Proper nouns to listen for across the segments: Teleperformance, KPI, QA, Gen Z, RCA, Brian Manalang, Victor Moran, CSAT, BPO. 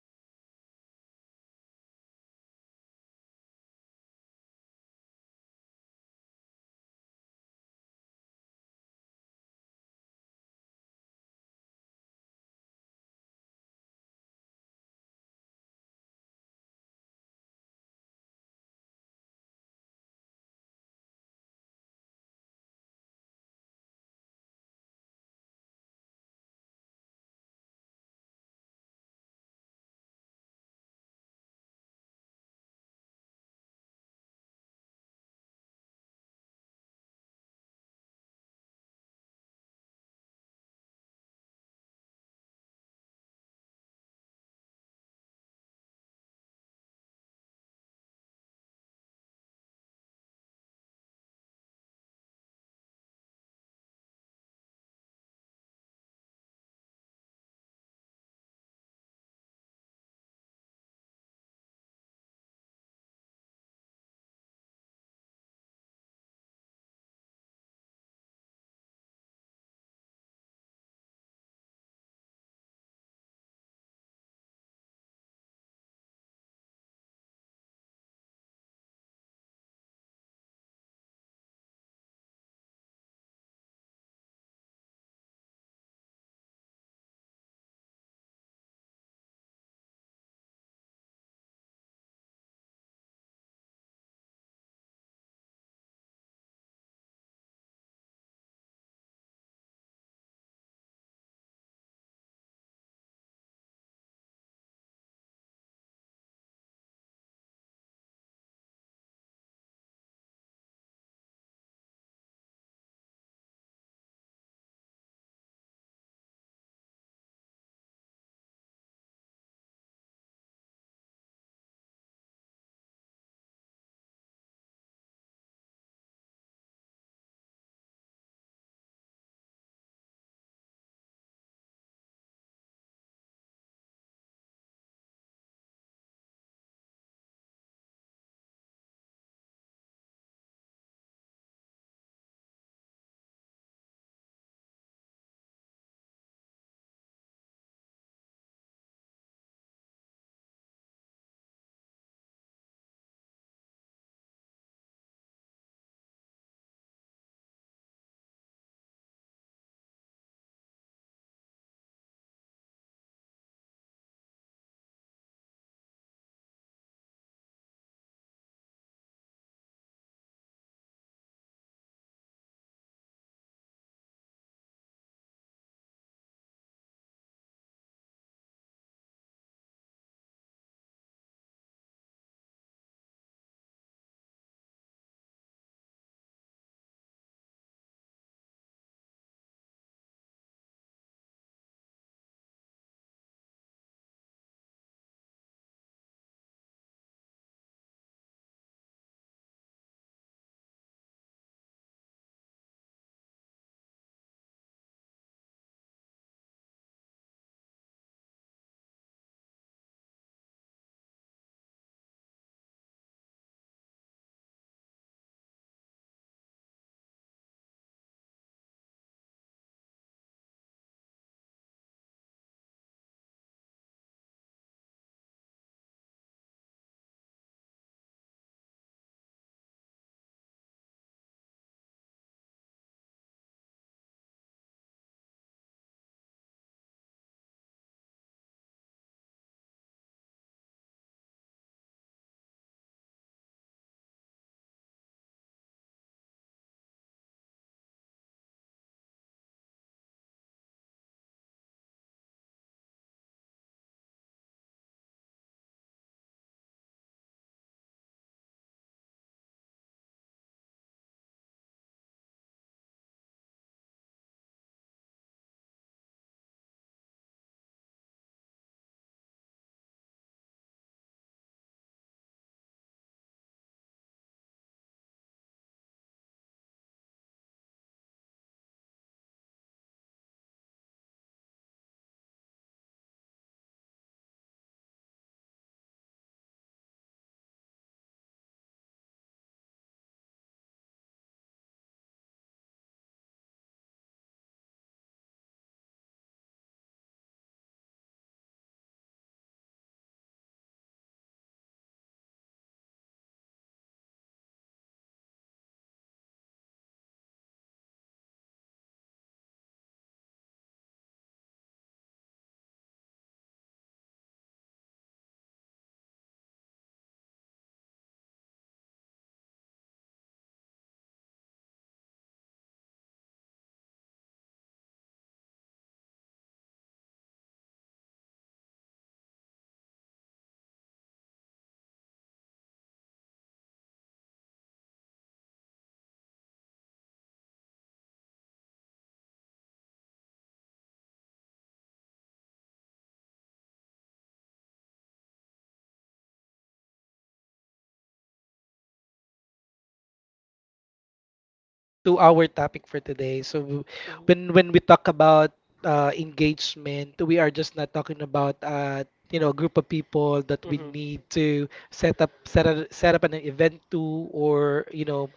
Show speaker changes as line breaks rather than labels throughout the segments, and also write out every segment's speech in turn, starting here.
effects here so that we can, put a drum roll and welcome our special guest. Well, without further ado, I think you can see his name, the one and only Sir Victor Moran. Hi, sir. You can introduce yourself to the team. I mean, how long that you've been with the team, the program,
Mhm,
or with
mhm.
the industry as well. Yeah.
Um, first of all, Brian, thank you so much for the introduction. I did not expect that you're going to introduce me as such. I'm I'm honored to be in your podcast, Brian. I really wanted to be very honest with you. This is something that I am not accustomed to do in a daily basis. So, um,
Agree,
you
agree.
know, please bear with me. Okay. You mentioned earlier in your introduction that uh, y- you mentioned about your exp how long you've been with BPO industry, and a bit of a highlight on what we're going to talk about today. I would also like to introduce myself fairly by my name. E- Everyone can call me Vic. My name is Victor Moran. I am with the BPO industry for I don't know if I'll be
One of our
happy.
pillars. One of our pillars.
Not really a pillar, but well, I've been here for quite some time. To be exact, I'm with the industry for about almost 19 years, going 20 years.
19
And
years.
and
So,
um, I'm
mm,
I'm
okay.
happy to to share that I'm just with one company, Teleperformance, Teleperformance Forever. So, as you know,
TP
um,
forever, yeah.
Teleperf TP Forever, correct. Um, something that I can also share. Maybe you wanted to ask why I lasted for long, for almost 20 years, it's actually related to our topic, right? Um, the you know the ter- the term engagement and how it's being done in our setup and our operation or production setup and the environment that um, we are with, as well as the people that contributes in the success of every engagement. We are not just talking about engagement as an event, we're also talking about how, what, and when we are going to, you know, do these action items for us to be able to keep our colleagues, our members, our leaders to be engaged not just with with the purp their purpose in op operationally in the company, but also connect to each other. so um yeah s- um I know, Brian, that you prepared some questions around this
Yes,
topic,
yes.
and I'm really excited in talking about these items.
Yes, thank you, sir. You know what, hearing you, a bit of a background of how long that you've been with the with the company, not just teleperformance, but I think with the industry itself, you know, I chose the right person to be with me today to share some topics. And I like that you mentioned a while ago that this is, you know, the topic engagement. It is not just something about an event, it is not just something about the things that we do. At the end of the day, the main things that we should be looking into is the purpose of the engagement itself. And it's something that is, you know, very important, especially nowadays. We are also getting a lot of agents in the different eras, right? Um, I, I, you, told me a while ago that you started 19 years ago. What year was that survey? Can you still...
I'm not sure if AI is already invented during those years, but I remember that we're doing everything manually, so
Okay,
i think i
okay.
think that already paints the answers the questions, Brian.
Okay, well, I'm not gonna go deep into that, but I just wanted to say that I was born during the AI era. I I am very much familiar with it. So way back before we often use encyclopedia, books and everything. But right now it's
What?
just one click you can get it. But let's
Agree.
not go go
No,
far
you
away
know
from
what?
the topic.
Be sorry, before we you continue, you know what? Just an idea. It's a tot a whole a totally different topic, right? Maybe this is some that
Yeah.
topic is something that we can do some other time after we do this and
Yeah,
discuss this topic,
it
right?
is, it is. You know what? If way, way back before when, you know I was still studying, we have this uh teammates or not really teammate, like a schoolmate rather. Though, when they created a certain study about their theses of the different generations that BPO companies is hiring right now, and I think it plays an important role in order for us to understand as well where we at right now. Yeah.
Correct. And you will be surprised how that specific topic will is connected to our topic for today. So
hmm
when we talk about engagement, we are just not talking about a group of people that we
hmm
need to set up an event to or you know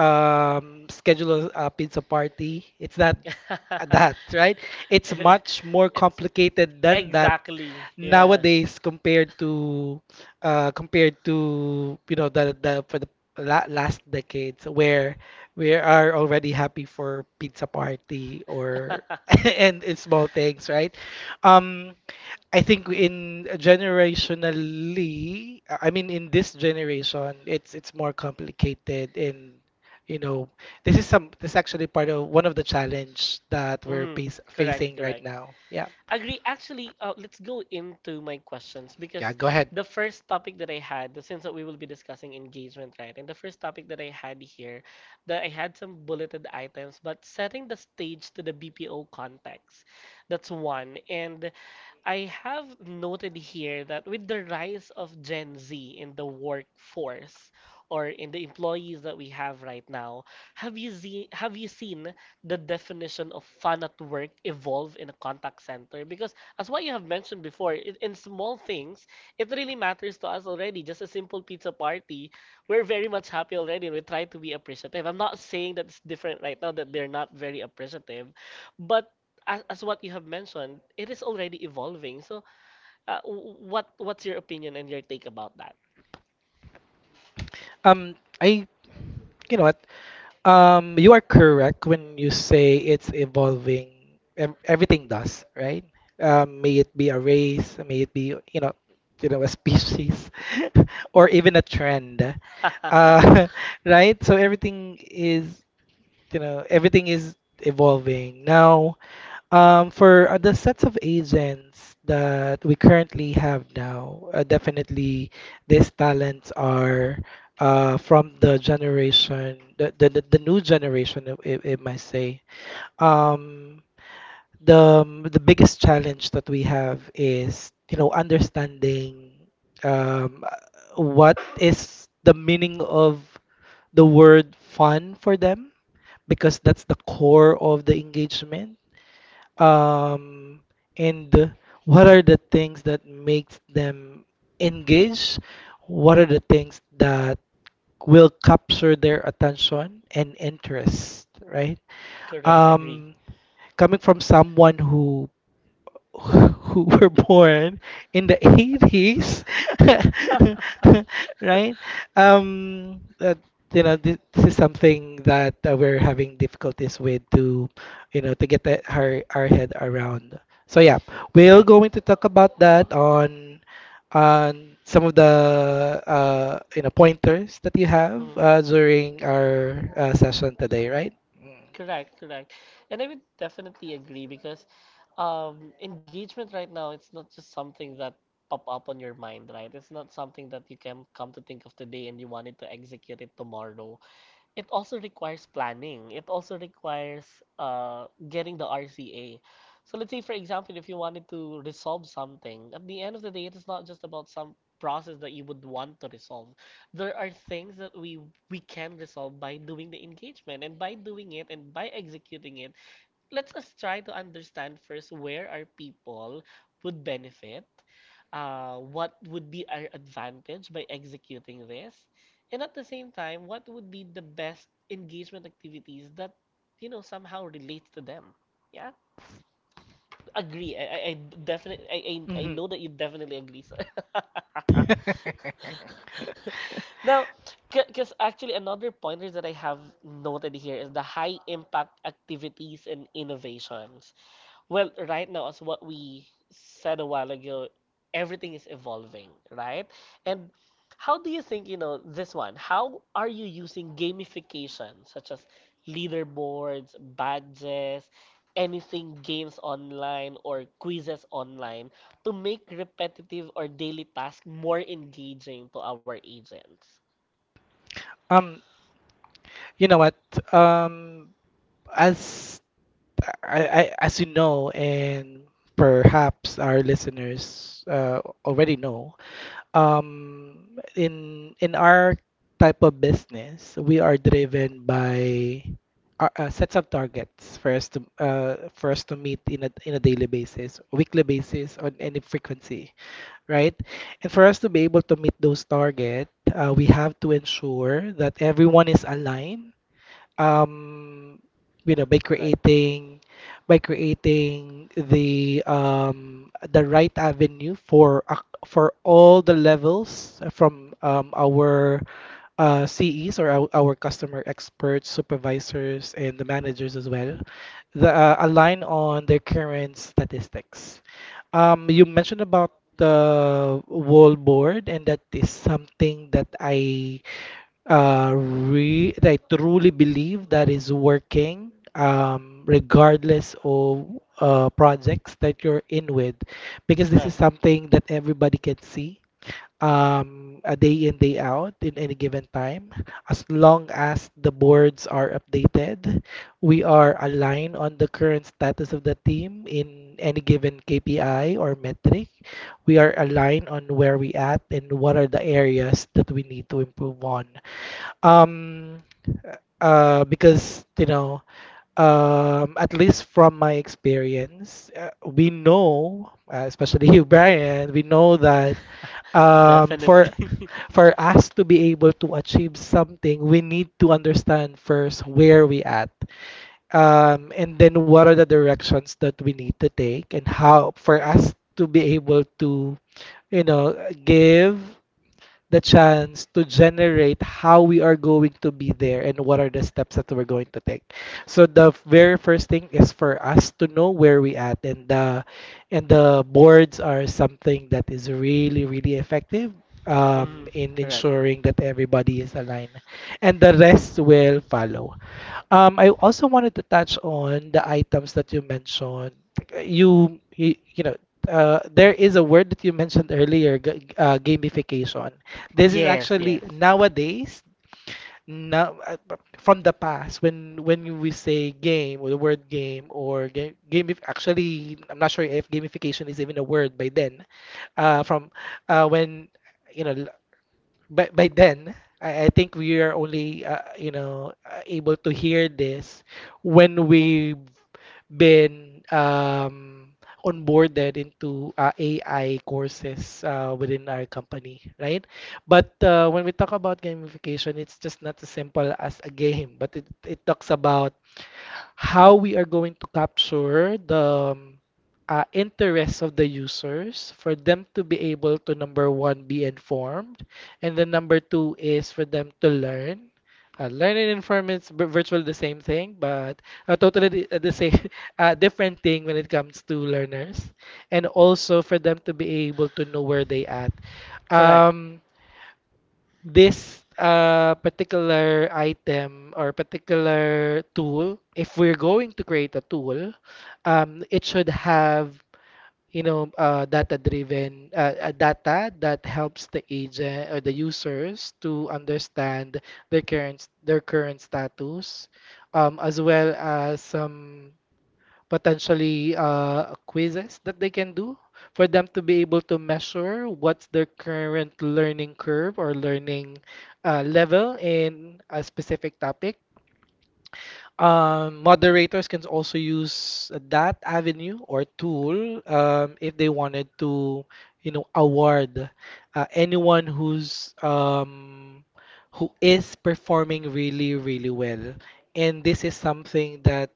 um, schedule a pizza party. It's not that, right? It's much more
It's
complicated than that
exactly, yeah.
nowadays compared to the for the la last decades, where we are already happy for pizza party or and it's small things, right? Um, I think in this generation, it's more complicated, and you know this is actually part of one of the challenge that we're
hmm
facing
Correct,
right
correct.
now. Yeah.
Agree. Actually, let's go into my questions
Yeah,
because
go ahead.
the first topic that I had, since we will be discussing engagement, right? And the first topic that I had here, that I had some bulleted items, but setting the stage to the BPO context. That's one. And I have noted here that with the rise of Gen Z in the workforce or in the employees that we have right now, have you seen the definition of fun at work evolve in a contact center? Because as what you have mentioned before, in small things, it really matters to us already. Just a simple pizza party, we're very much happy already and we try to be appreciative. I'm not saying that it's different right now that they're not very appreciative, but as what you have mentioned, it is already evolving. So, what what's your opinion and your take about that?
Um I You know what? Um, you are correct when you say it's evolving. Ev- Everything does, right? May it be a race, may it be, a species or even a trend. Uh, right? So everything is evolving now, for the sets of agents that we currently have now. Uh, definitely these talents are from the generation, the new generation, it might say. um, the the biggest challenge that we have is understanding um, what is the meaning of the word fun for them, because that's the core of the engagement, um, and what are the things that makes them engage, what are the things that will capture their attention and interest, right?
Correct, agree.
Um, coming from someone who who were born in the 80s. Right, um, that, this is something that we're having difficulties with to to get our head around. So yeah, we're
Correct.
going to talk about that on some of the pointers that you have
Mm.
during our session today, right?
Correct, correct. And I would definitely agree because engagement right now, it's not just something that pop up on your mind, right? It's not something that you can come to think of today and you wanted to execute it tomorrow. It also requires planning. It also requires getting the RCA. So let's say, for example, if you wanted to resolve something, at the end of the day, it is not just about some process that you would want to resolve. There are things that we can resolve by doing the engagement and by doing it and by executing it let's us try to understand first where our people would benefit, what would be our advantage by executing this, and at the same time, what would be the best engagement activities that you know somehow relates to them. Yeah, agree. I definitely I
Mm-hmm.
know that you definitely agree, sir. Now, because actually another pointers that I have noted here is the high impact activities and innovations. Well, right now, as what we said a while ago, everything is evolving, right? And how do you think, you know, this one, how are you using gamification, such as leaderboards, badges, anything games online or quizzes online, to make repetitive or daily tasks more engaging to our agents?
Um, you know what? Um, as I as you know, and perhaps our listeners already know, um, in our type of business, we are driven by our sets of targets for us to meet in a daily basis, weekly basis, on any frequency. Right? And for us to be able to meet those target, we have to ensure that everyone is aligned. Um, you know, by
Correct,
creating by creating the right avenue for for all the levels from our CEs, or our customer experts, supervisors, and the managers as well, align on their current statistics. You mentioned about the whole board, and that is something that I truly believe that is working, regardless of projects that you're in with, because this is
correct.
something that everybody can see, a day in, day out, in any given time. As long as the boards are updated, we are aligned on the current status of the team in any given KPI or metric. We are aligned on where we at and what are the areas that we need to improve on. Um, because at least from my experience, we know, especially you, Brian, we know that um, for
Definitely.
for us to be able to achieve something, we need to understand first where we at, and then what are the directions that we need to take, and how for us to be able to, you know, give the chance to generate how we are going to be there and what are the steps that we're going to take. So the very first thing is for us to know where we at, and the boards are something that is really effective
Mm,
in
correct.
ensuring that everybody is aligned and the rest will follow. I also wanted to touch on the items that you mentioned. You know, there is a word that you mentioned earlier, gamification. This is
Yes,
actually
yes.
nowadays, now, from the past, when we say game, or the word game, or game, actually I'm not sure if gamification is even a word by then. From when you know l- by then I think we are only able to hear this when we been onboarded into AI courses within our company, right? But when we talk about gamification, it's just not as simple as a game, but it talks about how we are going to capture the interests of the users for them to be able to, number one, be informed, and then number two is for them to learn. Uh, learn and inform is vir- virtually the same thing but a totally di- the same different thing when it comes to learners, and also for them to be able to know where they at.
Correct.
Um, this particular item or particular tool, if we're going to create a tool, it should have data driven data that helps the agent or the users to understand their current status, as well as some potentially quizzes that they can do for them to be able to measure what's their current learning curve or learning level in a specific topic. Moderators can also use that avenue or tool if they wanted to, you know, award anyone who's who is performing really well. And this is something that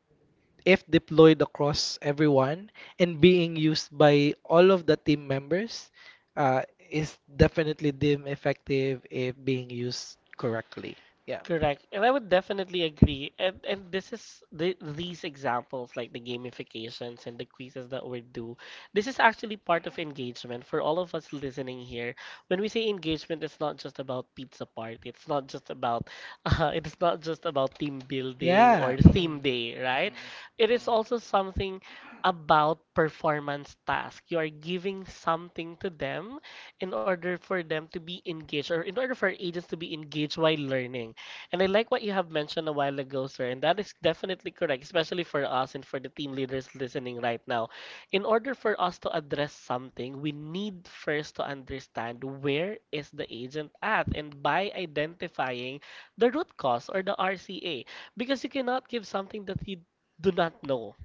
if deployed across everyone and being used by all of the team members, uh, is definitely deemed effective if being used correctly. Yeah.
Correct. And I would definitely agree. And this is these examples like the gamifications and the quizzes that we do. This is actually part of engagement for all of us listening here. When we say engagement, it's not just about pizza party. It's not just about it's not just about team building
Yeah.
or
Mm-mm.
theme day, right? It is also
Mm-mm.
something about performance task. You are giving something to them in order for them to be engaged or in order for agents to be engaged while learning. And I like what you have mentioned a while ago, sir, and that is definitely correct, especially for us and for the team leaders listening right now. In order for us to address something, we need first to understand where is the agent at and by identifying the root cause or the RCA because you cannot give something that you do not know.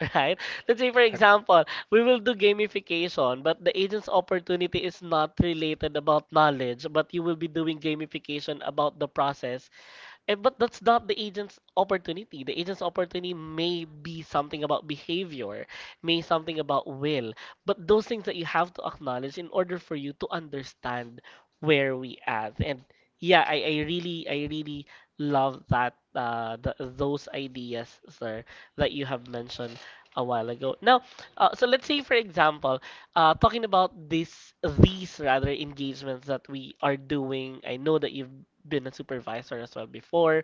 Right? Let's say, for
Mm-mm. Like,
example, we will do gamification, but the agent's opportunity is not related about knowledge, but you will be doing gamification about the process. Eh, but that's not the agent's opportunity. The agent's opportunity may be something about behavior, may something about will, but those things that you have to acknowledge in order for you to understand where we at. And yeah, I really love those ideas, sir, that you have mentioned a while ago. Now, so let's say for example, talking about these rather engagements that we are doing, I know that you've been a supervisor as well before.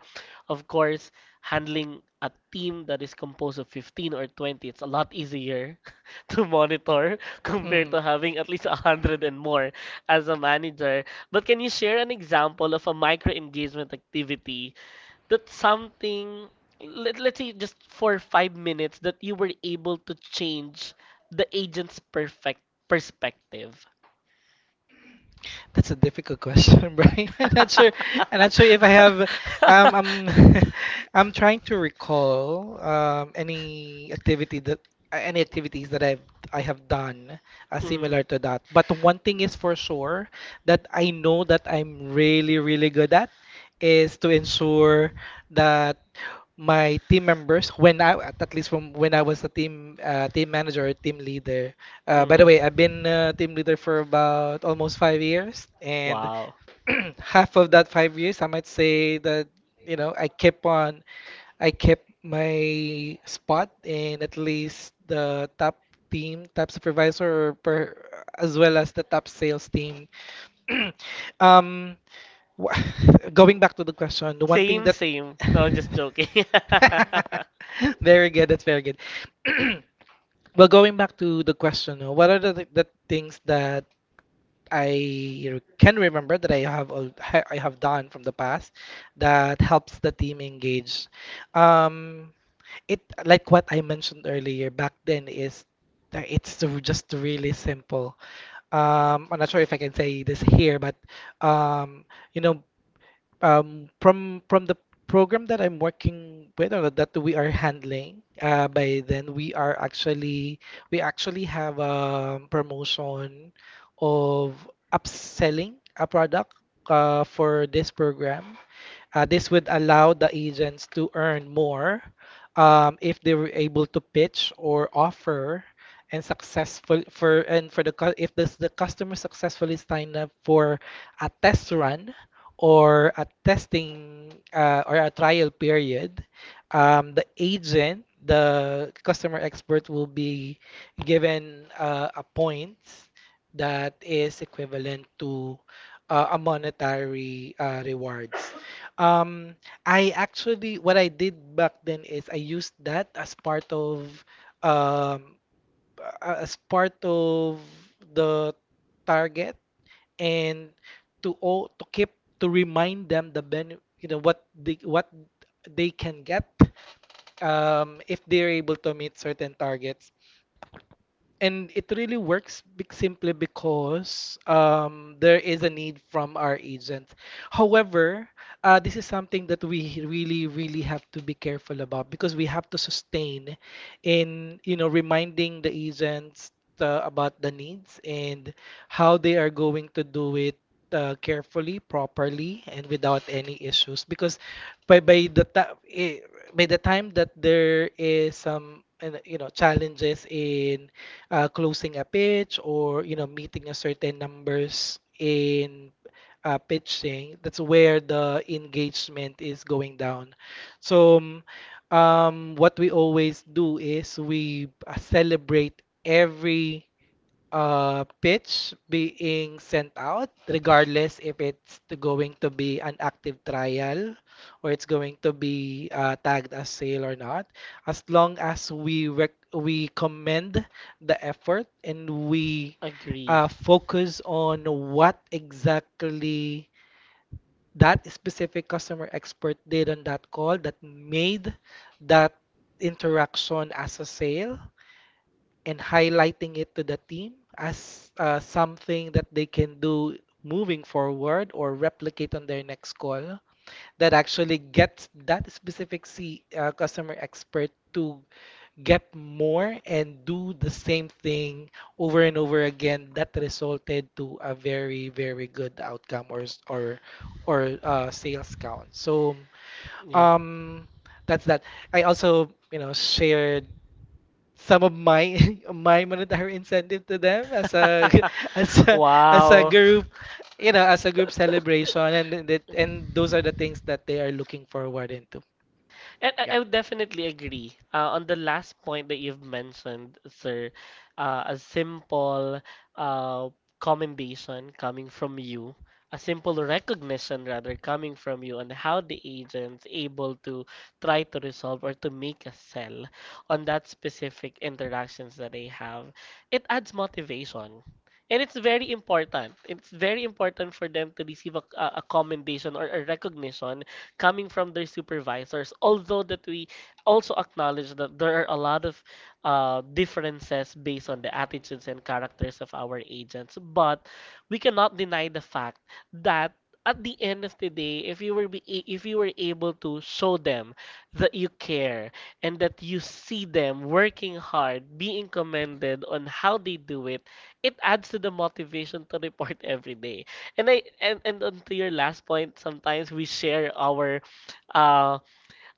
Of course, handling a team that is composed of 15 or 20, it's a lot easier to monitor compared
mm.
to having at least 100 and more as a manager. But can you share an example of a micro engagement activity that something let's say just for 5 minutes that you were able to change the agent's perfect perspective.
That's a difficult question, Brian. I'm not sure. I'm not sure if I have. I'm. I'm trying to recall any activity that any activities that I have done
hmm
similar to that. But one thing is for sure that I know that I'm really, really good at is to ensure that my team members when I at least from when I was a team manager or team leader by the
hmm
way, I've been team leader for about almost 5 years, and
wow
half of that 5 years, I might say that, you know, I kept my spot in at least the top team, top supervisor, as well as the top sales team. um, wha- going back to the question, the one thing
same
that
same no I'm just joking
Very good, that's very good. Well, going back to the question, what are the things that can remember that I have done from the past that helps the team engage? Um, it, like what I mentioned earlier back then, is that just really simple. I'm not sure if I can say this here, but um, you know, from the program that I'm working with or that we are handling, by then we actually have a promotion of upselling a product for this program. This would allow the agents to earn more, if they were able to pitch or offer and successful for and for if this, the customer successfully signed up for a test run or a testing or a trial period, the agent, the customer expert, will be given a point that is equivalent to a monetary rewards. Um, I actually, what I did back then is I used that as part of um as part of the target, and to all to keep to remind them the ben you know, what they can get if they're able to meet certain targets, and it really works simply because, there is a need from our agents. However, this is something that we really, really have to be careful about, because we have to sustain in, you know, reminding the agents about the needs and how they are going to do it. Carefully, properly, and without any issues, because by by the ti- eh, by the time that there is some, you know, challenges in closing a pitch, or you know, meeting a certain numbers in pitching, that's where the engagement is going down. So what we always do is we, celebrate every pitch being sent out, regardless if it's to going to be an active trial or it's going to be tagged as sale or not. As long as we commend the effort and we
agree
focus on what exactly that specific customer expert did on that call that made that interaction as a sale, and highlighting it to the team as something that they can do moving forward or replicate on their next call, that actually gets that specific customer expert to get more and do the same thing over and over again, that resulted to a very, very good outcome or or sales count. So
yeah
um that's that. I also, you know, shared some of my my monetary incentive to them as a as a as a
wow
group, you know, as a group celebration, and that, and those are the things that they are looking forward into.
And
Yeah.
I would definitely agree on the last point that you've mentioned, sir. A simple uh, commendation coming from you, a simple recognition rather coming from you on how the agent's able to try to resolve or to make a sell on that specific interactions that they have. It adds motivation. And it's very important. It's very important for them to receive a commendation or a recognition coming from their supervisors. Although that we also acknowledge that there are a lot of differences based on the attitudes and characters of our agents, but we cannot deny the fact that at the end of the day, if you were able to show them that you care and that you see them working hard, being commended on how they do it, it adds to the motivation to report every day. And I and on to your last point, sometimes we share uh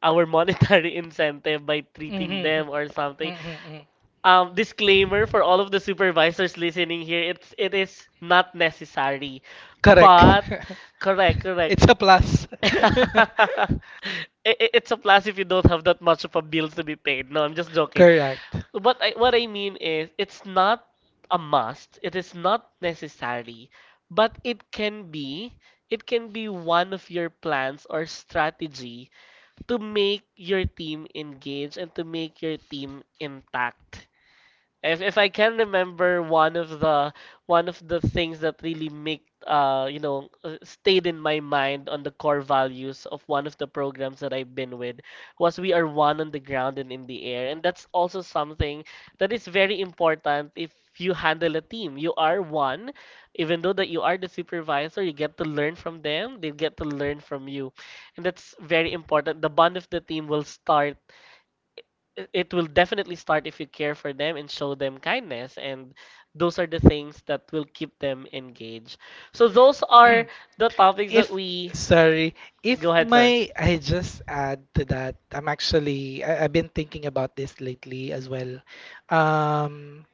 our monetary incentive by treating
Mm-hmm.
them or something.
Mm-hmm.
Disclaimer for all of the supervisors listening here, it is not necessary.
Correct.
But correct, correct.
It's a plus.
It's a plus if you don't have that much of a bills to be paid. No, I'm just joking.
Correct.
But what I mean is, it's not a must. It is not necessary, but it can be. It can be one of your plans or strategy to make your team engage and to make your team intact. If I can remember one of the things that really make stayed in my mind on the core values of one of the programs that I've been with was we are one on the ground and in the air. And that's also something that is very important. If you handle a team, you are one. Even though that you are the supervisor, you get to learn from them, they get to learn from you. And that's very important. The bond of the team will start. It will definitely start if you care for them and show them kindness, and those are the things that will keep them engaged. So those are the topics that
If
we.
sorry if
Go ahead, sir.
my I just add to that I'm actually I, I've been thinking about this lately as well. um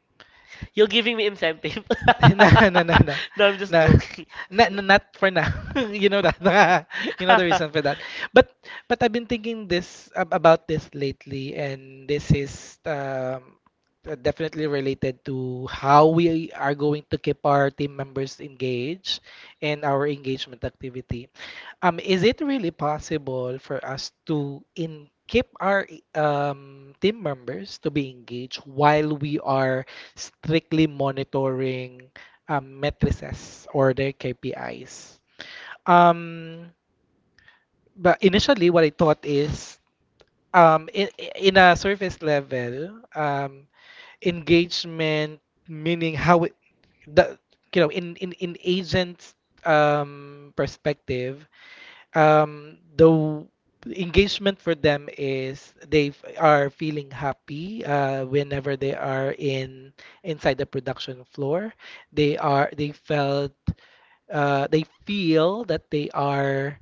You're giving me incentive.
nah, nah, nah, nah,
No, I'm just
nah.
joking.
Not, not for now. You know that. You know the reason for that. But I've been thinking about this lately, and this is, definitely related to how we are going to keep our team members engaged and our engagement activity. Is it really possible for us to in keep our team members to be engaged while we are strictly monitoring matrices or their KPIs? Um, but initially, what I thought is, um, in, in a surface level, engagement, meaning how the, you know, in agent's perspective, um the w- engagement for them is they are feeling happy, whenever they are in inside the production floor. They are, they felt they feel that they are,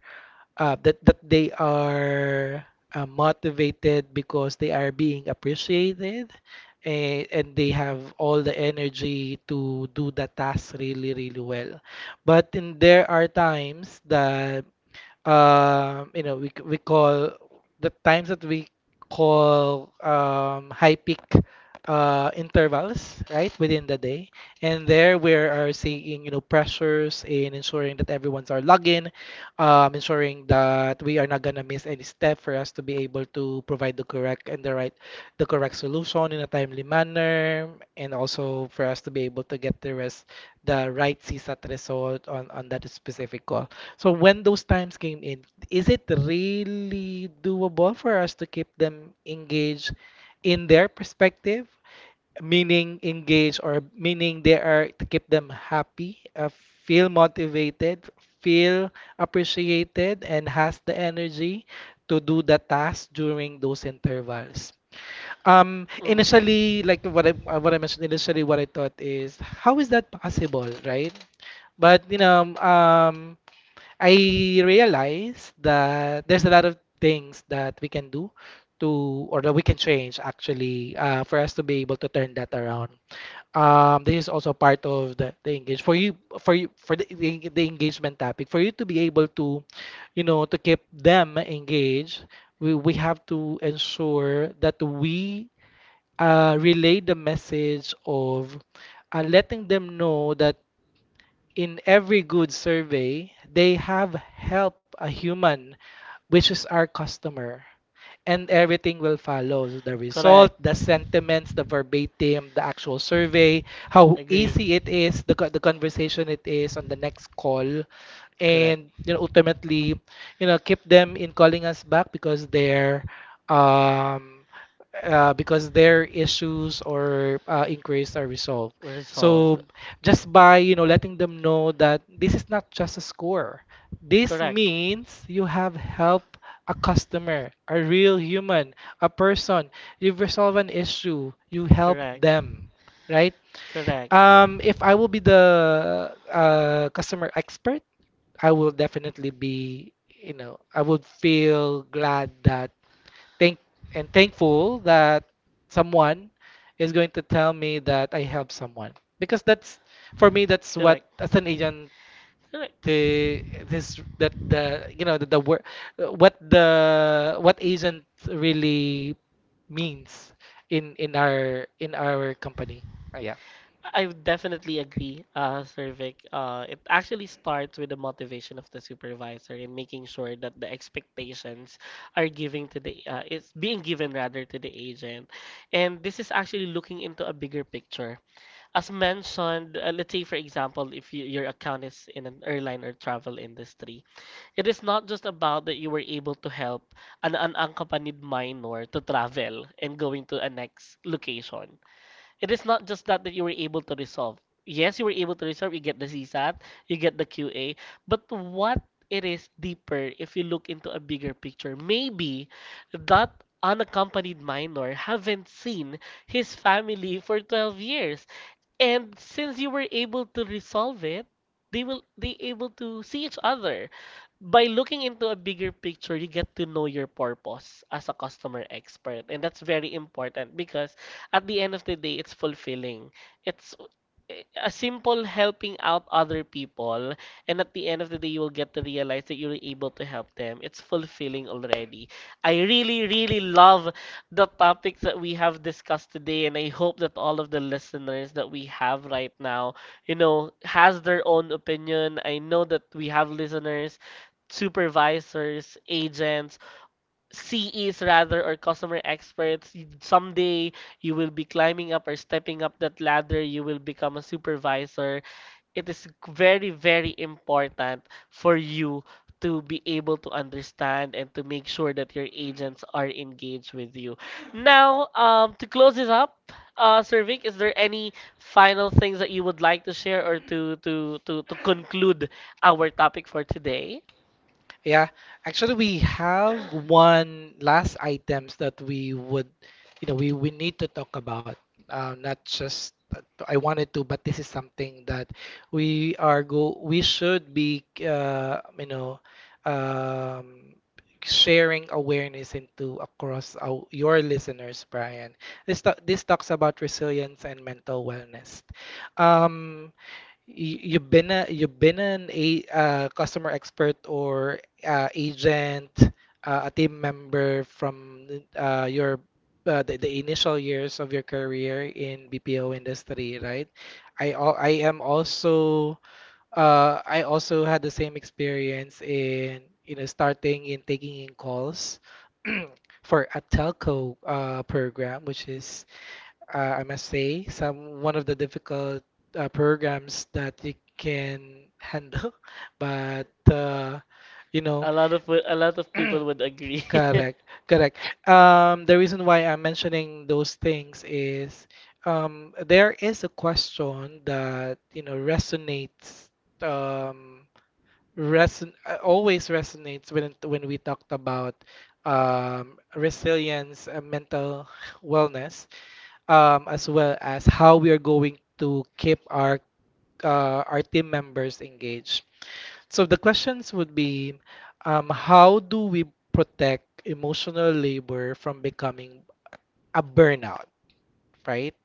that that they are, motivated because they are being appreciated, and they have all the energy to do the task really, really well. But in, there are times that you know, we call the times that we call high peak intervals, right, within the day. And there we are seeing, you know, pressures in ensuring that everyone's our login, ensuring that we are not gonna miss any step for us to be able to provide the correct and the correct solution in a timely manner, and also for us to be able to get the right CSAT result on that specific call. So when those times came in, is it really doable for us to keep them engaged in their perspective? Meaning engaged, or meaning they are to keep them happy, feel motivated, feel appreciated, and has the energy to do the task during those intervals.
Mm,
Initially, like what I mentioned initially, what I thought is, how is that possible, right? But you know, I realize that there's a lot of things that we can do to, or that we can change actually, for us to be able to turn that around. This is also part of the engage for you for you for the engagement topic. For you to be able to, you know, to keep them engaged, we have to ensure that we, relay the message of, letting them know that in every good survey, they have helped a human, which is our customer, and everything will follow. So the result,
correct.
the sentiments, the verbatim, the actual survey, how
Agree.
easy it is, the conversation it is on the next call,
Correct.
and you know, ultimately, you know, keep them in calling us back because they're um, because their issues or inquiries are resolved. So
Resolved.
just by, you know, letting them know that this is not just a score. This
Correct.
means you have helped a customer, a real human, a person. You've resolved an issue. You help
Correct.
them, right?
Correct.
If I will be the, customer expert, I will definitely be, you know, I would feel glad that thank thankful that someone is going to tell me that I helped someone, because that's for me, that's what
Correct.
as an agent
Correct.
the this that the you know, the word what the what agent really means in our company. Yeah.
I would definitely agree, Sir Vic. It actually starts with the motivation of the supervisor in making sure that the expectations are giving to the is being given rather to the agent, and this is actually looking into a bigger picture. As mentioned, let's say for example, if you, your account is in an airline or travel industry, it is not just about that you were able to help an unaccompanied minor to travel and going to a next location. It is not just that that you were able to resolve. Yes, you were able to resolve, you get the CSAT, you get the QA, but what, it is deeper if you look into a bigger picture. Maybe that unaccompanied minor haven't seen his family for 12 years, and since you were able to resolve it, they able to see each other. By looking into a bigger picture, you get to know your purpose as a customer expert, and that's very important because at the end of the day, it's fulfilling. It's a simple helping out other people, and at the end of the day, you will get to realize that you were able to help them. It's fulfilling already. I really really love the topics that we have discussed today, and I hope that all of the listeners that we have right now, you know, has their own opinion. I know that we have listeners, supervisors, agents, ces rather or customer experts. Someday you will be climbing up or stepping up that ladder. You will become a supervisor. It is very, very important for you to be able to understand and to make sure that your agents are engaged with you. Now, to close this up, Sir Vic, is there any final things that you would like to share or to to conclude our topic for today?
Yeah, actually, we have one last items that you know, we need to talk about. Not just that I wanted to, but this is something that we are go we should be, you know, um, sharing awareness into across your listeners, Brian. This talks about resilience and mental wellness. Um, you've been an a customer expert or agent, a team member from, your the initial years of your career in BPO industry, right? I am also, I also had the same experience in, you know, starting in taking in calls for a telco program, which is, I must say, some one of the difficult programs that you can handle, but you know,
A lot of people would agree.
correct, correct. The reason why I'm mentioning those things is, there is a question that, you know, resonates, um, reson always resonates when when we talked about, resilience, mental wellness, as well as how we are going to keep our, our team members engaged. So the questions would be, how do we protect emotional labor from becoming a burnout, right?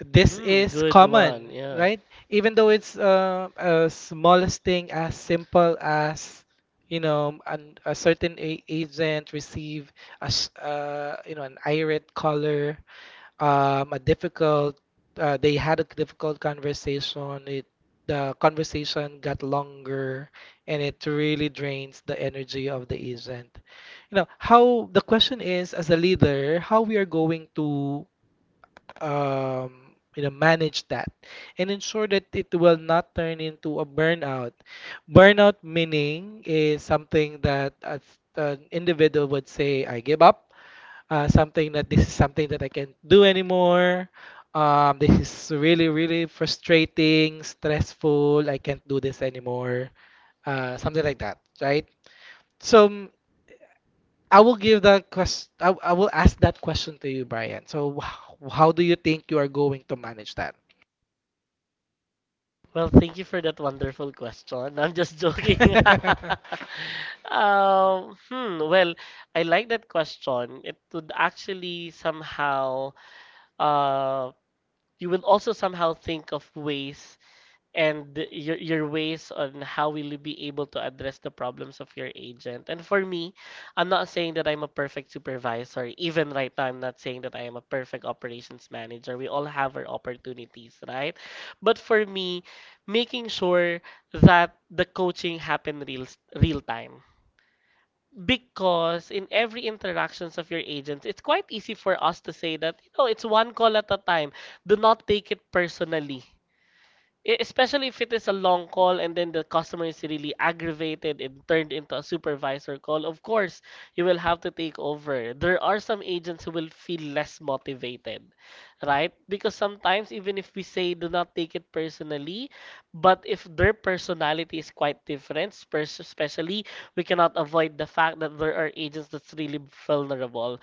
This
Hmm,
is
good
common,
one. Yeah.
right? Even though it's a smallest thing as simple as, you know, a certain agent receive you know, an irate caller, a difficult, they had a difficult conversation. It, the conversation got longer, and it really drains the energy of the agent. You know, how the question is, as a leader, how we are going to, um, you know, manage that and ensure that it will not turn into a burnout. Burnout meaning is something that an individual would say, I give up, something that, this is something that I can't do anymore. This is really, really frustrating, stressful. I can't do this anymore. Something like that, right? So mm, I will give that question. I will ask that question to you, Brian. So how do you think you are going to manage that?
Well, thank you for that wonderful question. I'm just joking. Hmm, well, I like that question. It would actually somehow, uh, you will also somehow think of ways and your ways on how will you be able to address the problems of your agent. And for me, I'm not saying that I'm a perfect supervisor. Even right now, I'm not saying that I am a perfect operations manager. We all have our opportunities, right? But for me, making sure that the coaching happen real time. Because in every interactions of your agents, it's quite easy for us to say that, you know, it's one call at a time. Do not take it personally, especially if it is a long call and then the customer is really aggravated and turned into a supervisor call. Of course, you will have to take over. There are some agents who will feel less motivated, right? Because sometimes, even if we say do not take it personally, but if their personality is quite different, especially, we cannot avoid the fact that there are agents that's really vulnerable.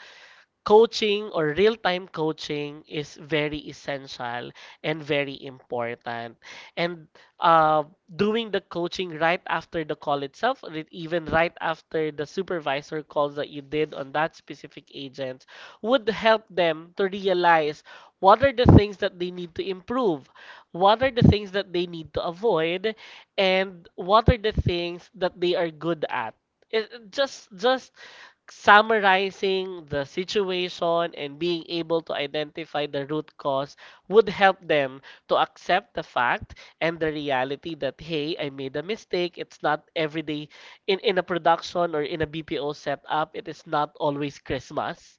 Coaching or real-time coaching is very essential and very important. And uh, doing the coaching right after the call itself, or even right after the supervisor calls that you did on that specific agent, would help them to realize what are the things that they need to improve, what are the things that they need to avoid, and what are the things that they are good at. It Just summarizing the situation and being able to identify the root cause would help them to accept the fact and the reality that, hey, I made a mistake. It's not every day. In a production or in a BPO setup, it is not always Christmas,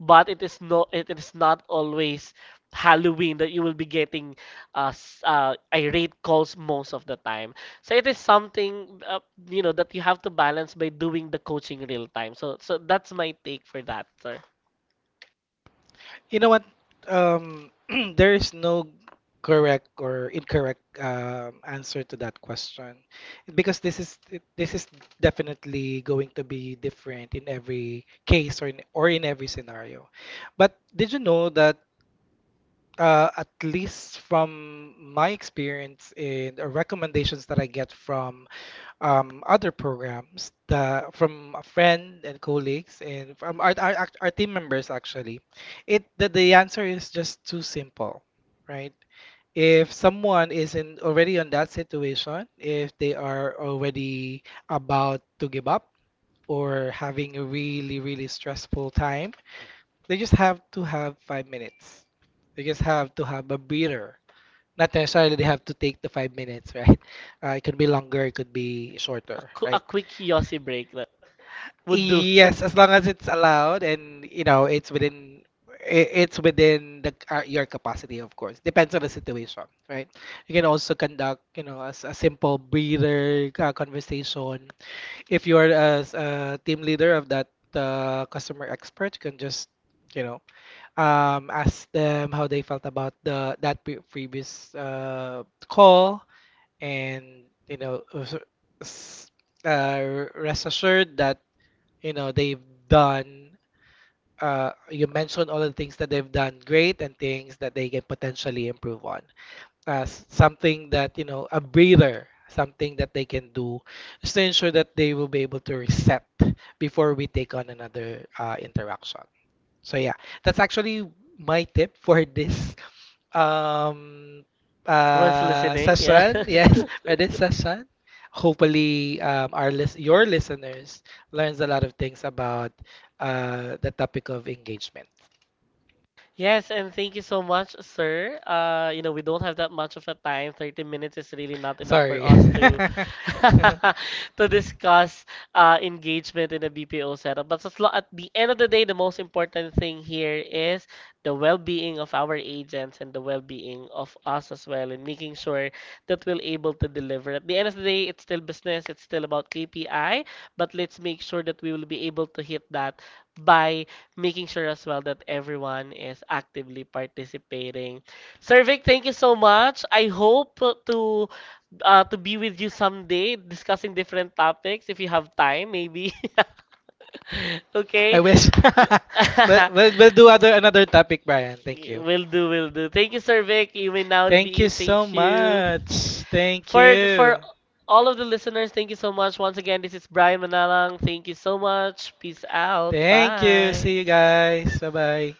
but it is not always Halloween that you will be getting irate calls most of the time. So it is something, you know, that you have to balance by doing the coaching real time. So that's my take for that, sir.
You know what? Um, there is no correct or incorrect, answer to that question, because this is this is definitely going to be different in every case, or in every scenario. But did you know that, at least from my experience and, recommendations that I get from, other programs, from a friend and colleagues, and from our team members actually, the answer is just too simple, right? If someone is in already on that situation, if they are already about to give up, or having a really, really stressful time, they just have to have 5 minutes. They just have to have a breather. Not necessarily they have to take the 5 minutes, right? It could be longer, it could be shorter,
A
right?
quick yossi break that would do.
Yes, as long as it's allowed, and you know, it's within it's within the, your capacity, of course. Depends on the situation, right? You can also conduct, you know, as a simple breather, conversation. If you're as a team leader of that, customer expert, you can just, you know, asked them how they felt about the that pre previous, call, and you know, s- rest assured that, you know, they've done. You mentioned all the things that they've done great, and things that they can potentially improve on. As something that, you know, a breather, something that they can do, just to ensure that they will be able to reset before we take on another, interaction. So yeah, that's actually my tip for this um
Everyone's listening, yeah.
session. Yes, for this session. Hopefully, our list your listeners learns a lot of things about, the topic of engagement.
Yes, and thank you so much, sir. You know, we don't have that much of a time. 30 minutes is really not enough for
Sorry,
us to to discuss engagement in a BPO setup. But at the end of the day, the most important thing here is the well-being of our agents and the well-being of us as well, and making sure that we're able to deliver. At the end of the day, it's still business. It's still about KPI, but let's make sure that we will be able to hit that by making sure as well that everyone is actively participating. Sir Vic, thank you so much. I hope to to be with you someday discussing different topics if you have time, maybe. Okay.
I wish. We'll do other another topic, Brian. Thank you.
Will do, will do. Thank you, Sir Vic. You may now
Thank you
leave.
so
Thank you.
much. Thank
For
you.
all of the listeners, thank you so much. Once again, this is Brian Manalang. Thank you so much. Peace out.
Thank you.
Bye.
See you guys. Bye bye.